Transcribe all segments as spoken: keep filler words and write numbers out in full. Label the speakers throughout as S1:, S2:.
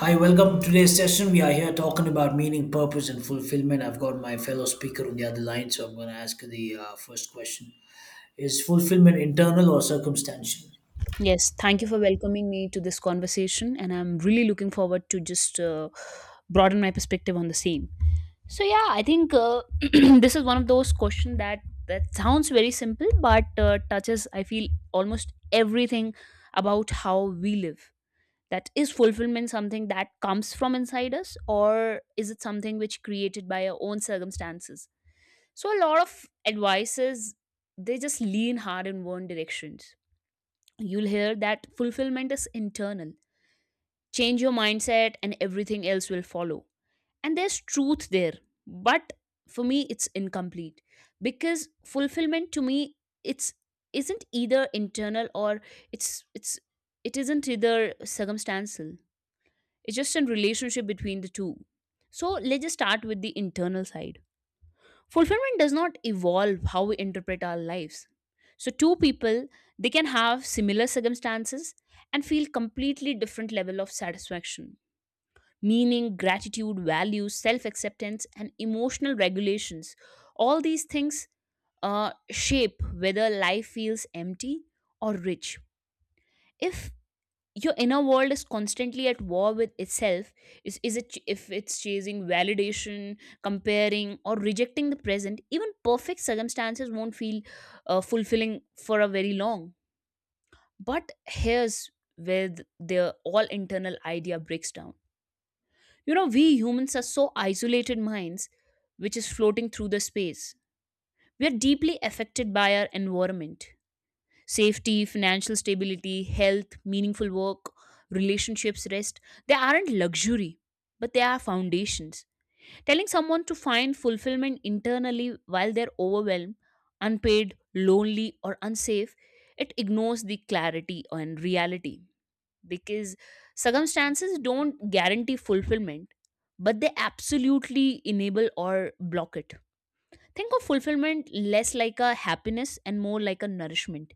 S1: Hi, welcome to today's session. We are here talking about meaning, purpose, and fulfillment. I've got my fellow speaker on the other line, so I'm going to ask the uh, first question. Is fulfillment internal or circumstantial?
S2: Yes, thank you for welcoming me to this conversation, and I'm really looking forward to just uh, broaden my perspective on the same. So yeah, I think uh, this is one of those questions that that sounds very simple, but uh, touches I feel almost everything about how we live. That is fulfillment something that comes from inside us, or is it something which created by our own circumstances? So a lot of advices they just lean hard in one direction. You'll hear that fulfillment is internal. Change your mindset and everything else will follow. And there's truth there. But for me it's incomplete because fulfillment to me it's isn't either internal or it's it's it isn't either circumstantial. It's just a relationship between the two. So let's just start with the internal side. Fulfillment does not evolve how we interpret our lives. So two people, they can have similar circumstances and feel completely different level of satisfaction, meaning gratitude values self acceptance and emotional regulations. All these things uh, shape whether life feels empty or rich. If your inner world is constantly at war with itself, is, is it if it's chasing validation, comparing or rejecting the present, even perfect circumstances won't feel uh, fulfilling for a very long. But here's where th- the all internal idea breaks down. You know, we humans are so isolated minds, which is floating through the space. We are deeply affected by our environment. Safety, financial stability, health, meaningful work, relationships, rest, they aren't luxury, but they are foundations. Telling someone to find fulfillment internally while they're overwhelmed, unpaid, lonely, or unsafe, it ignores the clarity and reality, because circumstances don't guarantee fulfillment, but they absolutely enable or block it. Think of fulfillment less like a happiness and more like a nourishment.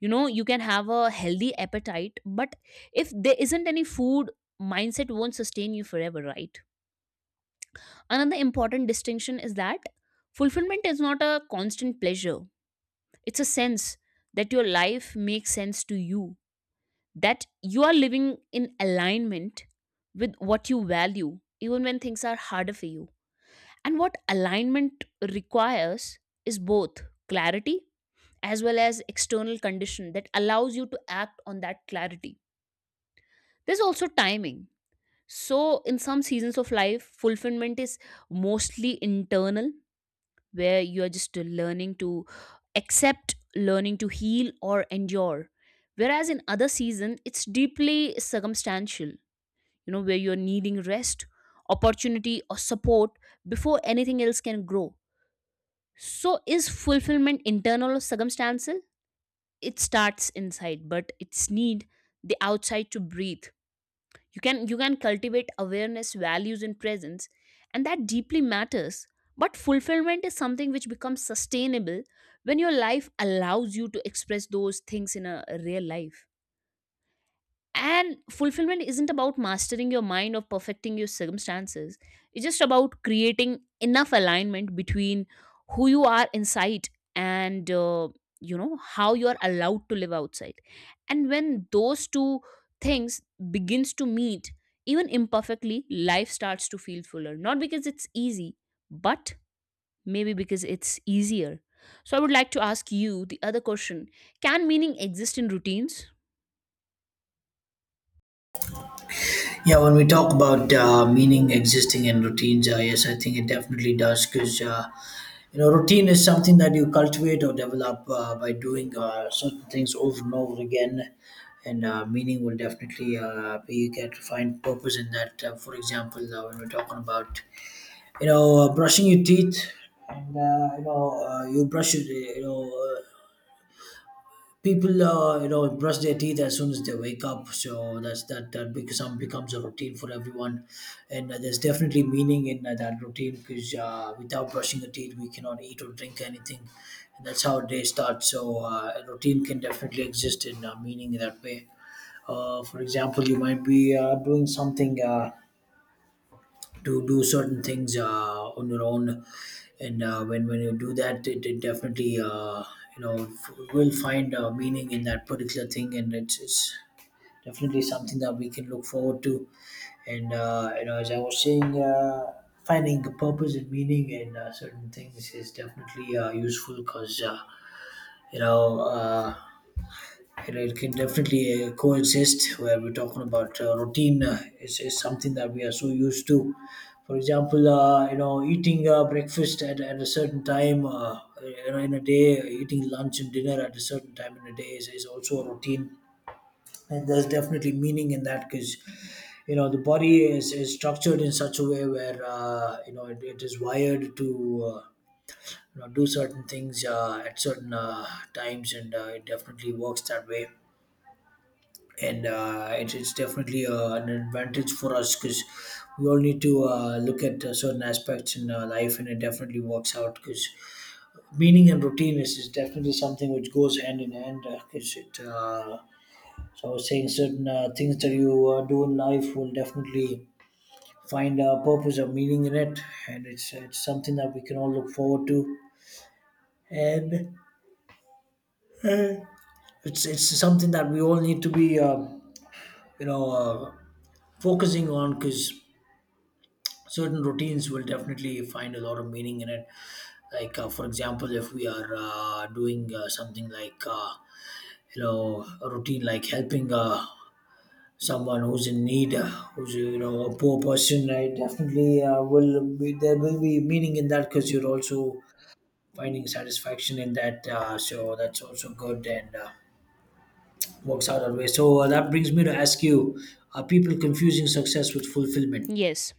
S2: You know, you can have a healthy appetite, but if there isn't any food, mindset won't sustain you forever, right? Another important distinction is that fulfillment is not a constant pleasure. It's a sense that your life makes sense to you, that you are living in alignment with what you value, even when things are harder for you. And what alignment requires is both clarity as well as external condition that allows you to act on that clarity. There's also timing. So, in some seasons of life, fulfillment is mostly internal, where you are just learning to accept, learning to heal, or endure. Whereas in other season, it's deeply circumstantial, you know, where you're needing rest, opportunity, or support before anything else can grow. So, is fulfillment internal or circumstantial? It starts inside, but it's need the outside to breathe. You can you can cultivate awareness values and presence, and that deeply matters. But fulfillment is something which becomes sustainable when your life allows you to express those things in a real life. And fulfillment isn't about mastering your mind or perfecting your circumstances. It's just about creating enough alignment between who you are inside and uh, you know, how you are allowed to live outside. And when those two things begins to meet, even imperfectly, life starts to feel fuller. Not because it's easy, but maybe because it's easier. So I would like to ask you the other question: can meaning exist in routines?
S1: Yeah, when we talk about uh, meaning existing in routines, uh, yes, I think it definitely does because uh, you know, routine is something that you cultivate or develop uh, by doing uh, certain things over and over again, and uh, meaning will definitely uh, be you get to find purpose in that. Uh, for example, uh, when we're talking about you know uh, brushing your teeth, and uh, you know uh, you brush it, you know, uh, people uh, you know brush their teeth as soon as they wake up, so that's that that becomes becomes a routine for everyone. And uh, there's definitely meaning in uh, that routine because uh, without brushing your teeth we cannot eat or drink anything, and that's how day starts. So uh, a routine can definitely exist in uh, meaning in that way. Uh, for example, you might be uh, doing something uh, to do certain things uh, on your own. And uh, when when you do that, it, it definitely uh, you know f- will find uh, meaning in that particular thing, and it's, it's definitely something that we can look forward to. And uh, you know, as I was saying, uh, finding a purpose and meaning in uh, certain things is definitely uh, useful because uh, you know uh, it, it can definitely uh, coexist where we're talking about uh, routine uh, is, is something that we are so used to. For example, uh, you know, eating uh, breakfast at, at a certain time, uh, you know, in a day, eating lunch and dinner at a certain time in a day is, is also a routine. And there's definitely meaning in that because, you know, the body is, is structured in such a way where, uh, you know, it, it is wired to. Uh, you know, do certain things uh, at certain uh, times. And uh, it definitely works that way, and uh, it's, it's definitely uh, an advantage for us because we all need to uh, look at uh, certain aspects in uh, life, and it definitely works out because meaning and routine is, is definitely something which goes hand in hand because it uh, so I was saying certain uh, things that you uh, do in life will definitely find a purpose or meaning in it, and it's it's something that we can all look forward to. And uh, it's it's something that we all need to be, um you know uh, focusing on, because certain routines will definitely find a lot of meaning in it. Like uh, for example, if we are uh, doing uh, something like uh, you know, a routine like helping uh, someone who's in need, uh, who's, you know, a poor person, right? Definitely uh, will be there will be meaning in that because you're also finding satisfaction in that, uh, so that's also good, and uh, works out that way. So uh, that brings me to ask you, are people confusing success with fulfillment?
S2: Yes.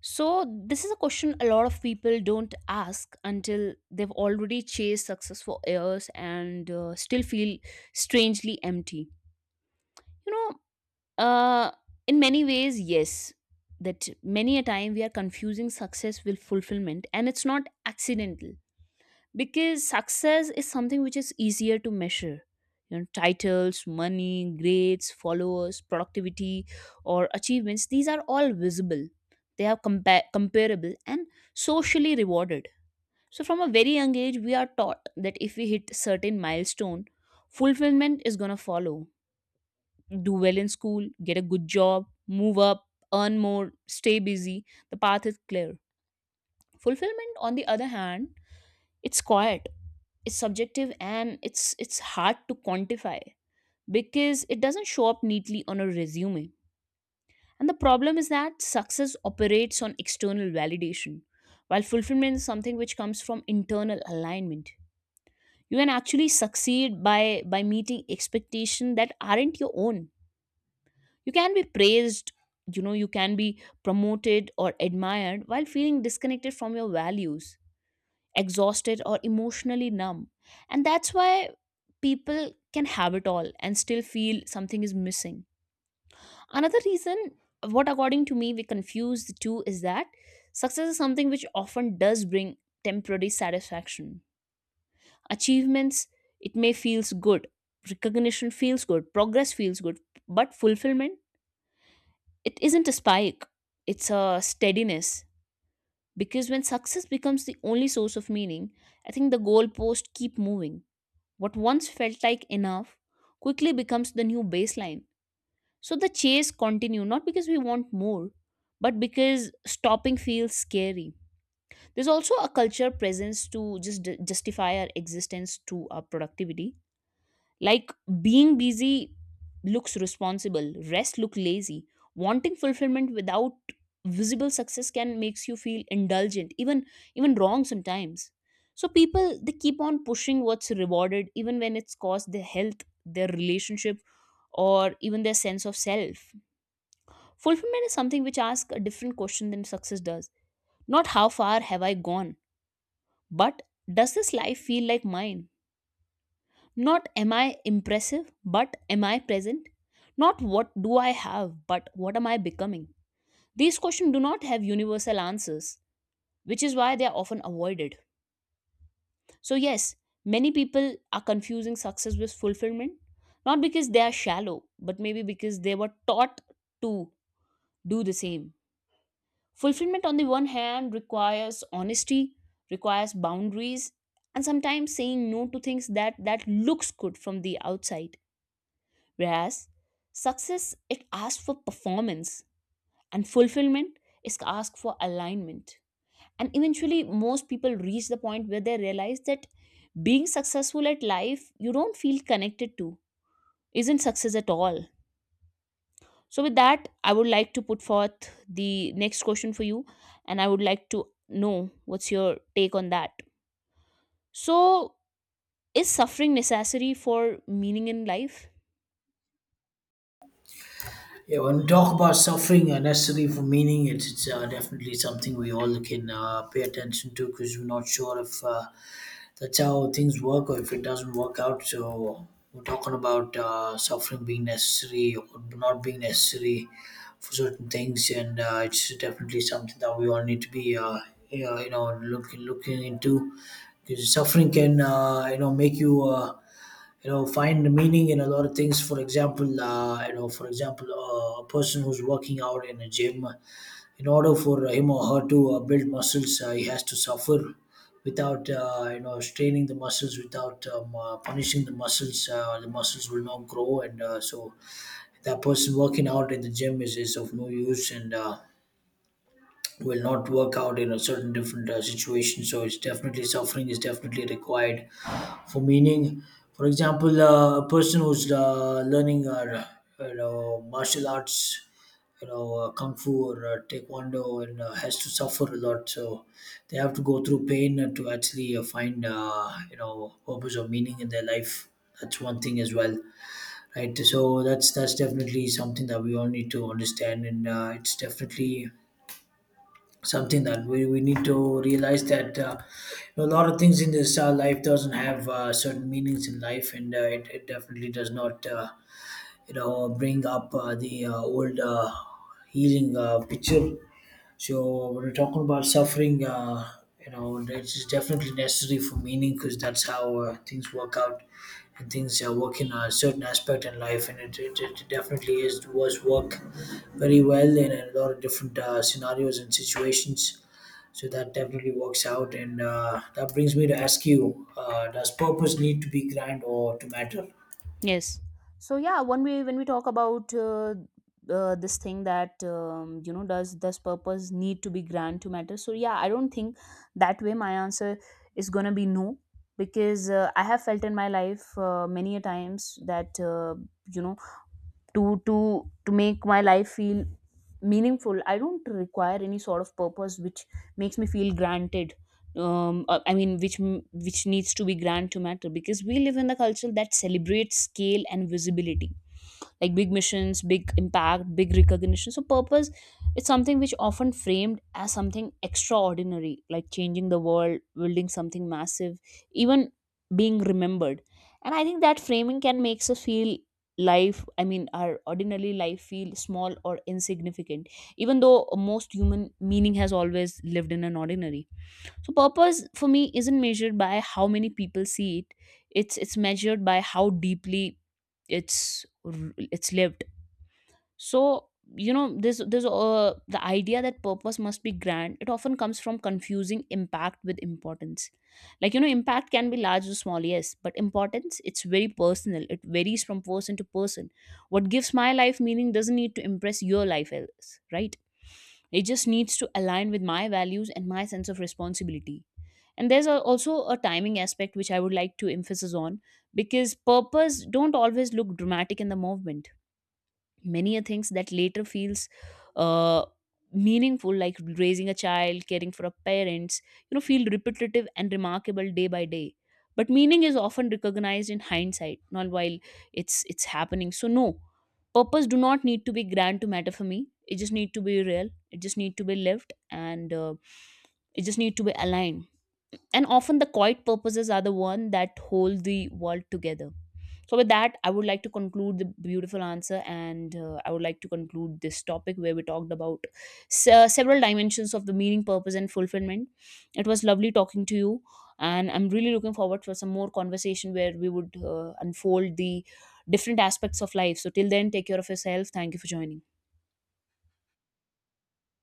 S2: So, this is a question a lot of people don't ask until they've already chased success for years and uh, still feel strangely empty. You know, uh, in many ways, yes, that many a time we are confusing success with fulfillment, and it's not accidental because success is something which is easier to measure. You know, titles, money, grades, followers, productivity, or achievements, these are all visible. They are compa- comparable and socially rewarded. So from a very young age we are taught that if we hit certain milestone, fulfillment is going to follow. Do well in school, get a good job, move up, earn more, stay busy, the path is clear. Fulfillment, on the other hand, it's quiet, it's subjective, and it's it's hard to quantify, because it doesn't show up neatly on a resume. And the problem is that success operates on external validation, while fulfillment is something which comes from internal alignment. You can actually succeed by by meeting expectations that aren't your own. You can be praised, you know, you can be promoted or admired while feeling disconnected from your values, exhausted or emotionally numb. And that's why people can have it all and still feel something is missing. Another reason what according to me we confuse the two is that success is something which often does bring temporary satisfaction. Achievements, it may feels good, recognition feels good, progress feels good. But fulfillment, it isn't a spike, it's a steadiness. Because when success becomes the only source of meaning, I think the goalposts keep moving. What once felt like enough quickly becomes the new baseline. So the chase continue not because we want more, but because stopping feels scary. There's also a culture presence to just justify our existence to our productivity. Like being busy looks responsible, rest look lazy. Wanting fulfillment without visible success can makes you feel indulgent, even even wrong sometimes. So people, they keep on pushing what's rewarded even when it's cost their health, their relationship, or even their sense of self. Fulfillment is something which asks a different question than success does. Not how far have I gone, but does this life feel like mine? Not am I impressive, but am I present? Not what do I have, but what am I becoming? These questions do not have universal answers, which is why they are often avoided. So, yes, many people are confusing success with fulfillment, not because they are shallow, but maybe because they were taught to do the same. Fulfillment, on the one hand, requires honesty, requires boundaries, and sometimes saying no to things that, that looks good from the outside. Whereas success, it asks for performance, and fulfillment is asked for alignment. And eventually, most people reach the point where they realize that being successful at life, you don't feel connected to, isn't success at all. So, with that, I would like to put forth the next question for you, and I would like to know what's your take on that. So, is suffering necessary for meaning in life?
S1: Yeah, when we talk about suffering uh, necessary for meaning, it's, it's uh, definitely something we all can uh, pay attention to, because we're not sure if uh, that's how things work or if it doesn't work out. So we're talking about uh, suffering being necessary or not being necessary for certain things, and uh, it's definitely something that we all need to be, uh, you know, you know, looking looking into, because suffering can, uh, you know, make you. Uh, you know, find meaning in a lot of things. For example, uh, you know, for example, uh, a person who's working out in a gym, in order for him or her to uh, build muscles, uh, he has to suffer. Without uh, you know, straining the muscles, without um, uh, punishing the muscles, uh, the muscles will not grow, and uh, so that person working out in the gym is, is of no use, and uh, will not work out in a certain different uh, situation. So it's definitely, suffering is definitely required for meaning. For example, uh, a person who's uh, learning uh, you know, martial arts, you know, uh, kung fu or uh, taekwondo, and uh, has to suffer a lot, so they have to go through pain to actually uh, find uh, you know, purpose or meaning in their life. That's one thing as well, right? So that's that's definitely something that we all need to understand, and uh, it's definitely something that we, we need to realize that uh, you know, a lot of things in this uh, life doesn't have uh, certain meanings in life. And uh, it, it definitely does not uh, you know, bring up uh, the uh, old uh, healing uh, picture. So when we're talking about suffering, uh, you know, it's definitely necessary for meaning because that's how uh, things work out, and things uh, work in a certain aspect in life, and it, it, it definitely is, was work very well in a lot of different uh, scenarios and situations. So that definitely works out, and uh, that brings me to ask you, uh, does purpose need to be grand or to matter?
S2: Yes. So yeah, when we when we talk about uh, uh, this thing that um, you know, does does purpose need to be grand to matter? So yeah, I don't think that way. My answer is gonna be no, because uh, I have felt in my life uh, many a times that uh, you know, to to to make my life feel meaningful, I don't require any sort of purpose which makes me feel granted. um uh, I mean, which m- which needs to be grand to matter, because we live in a culture that celebrates scale and visibility, like big missions, big impact, big recognition. So purpose, it's something which often framed as something extraordinary, like changing the world, building something massive, even being remembered. And I think that framing can makes us feel life, I mean, our ordinary life feel small or insignificant, even though most human meaning has always lived in an ordinary. So purpose for me isn't measured by how many people see it. It's it's measured by how deeply it's r- it's lived. So you know, this this uh, the idea that purpose must be grand, it often comes from confusing impact with importance. Like, you know, impact can be large or small, yes, but importance, it's very personal, it varies from person to person. What gives my life meaning doesn't need to impress your life else, right? It just needs to align with my values and my sense of responsibility. And there's a, also a timing aspect which I would like to emphasize on, because purpose don't always look dramatic in the movement. Many are things that later feels uh, meaningful, like raising a child, caring for a parents, you know, feel repetitive and remarkable day by day. But meaning is often recognized in hindsight, not while it's it's happening. So no, purpose do not need to be grand to matter for me. It just need to be real, it just need to be lived, and uh, it just need to be aligned. And often the quiet purposes are the one that hold the world together. So with that, I would like to conclude the beautiful answer, and uh, I would like to conclude this topic where we talked about se- several dimensions of the meaning, purpose and fulfillment. It was lovely talking to you, and I'm really looking forward for some more conversation where we would uh, unfold the different aspects of life. So till then, take care of yourself. Thank you for joining.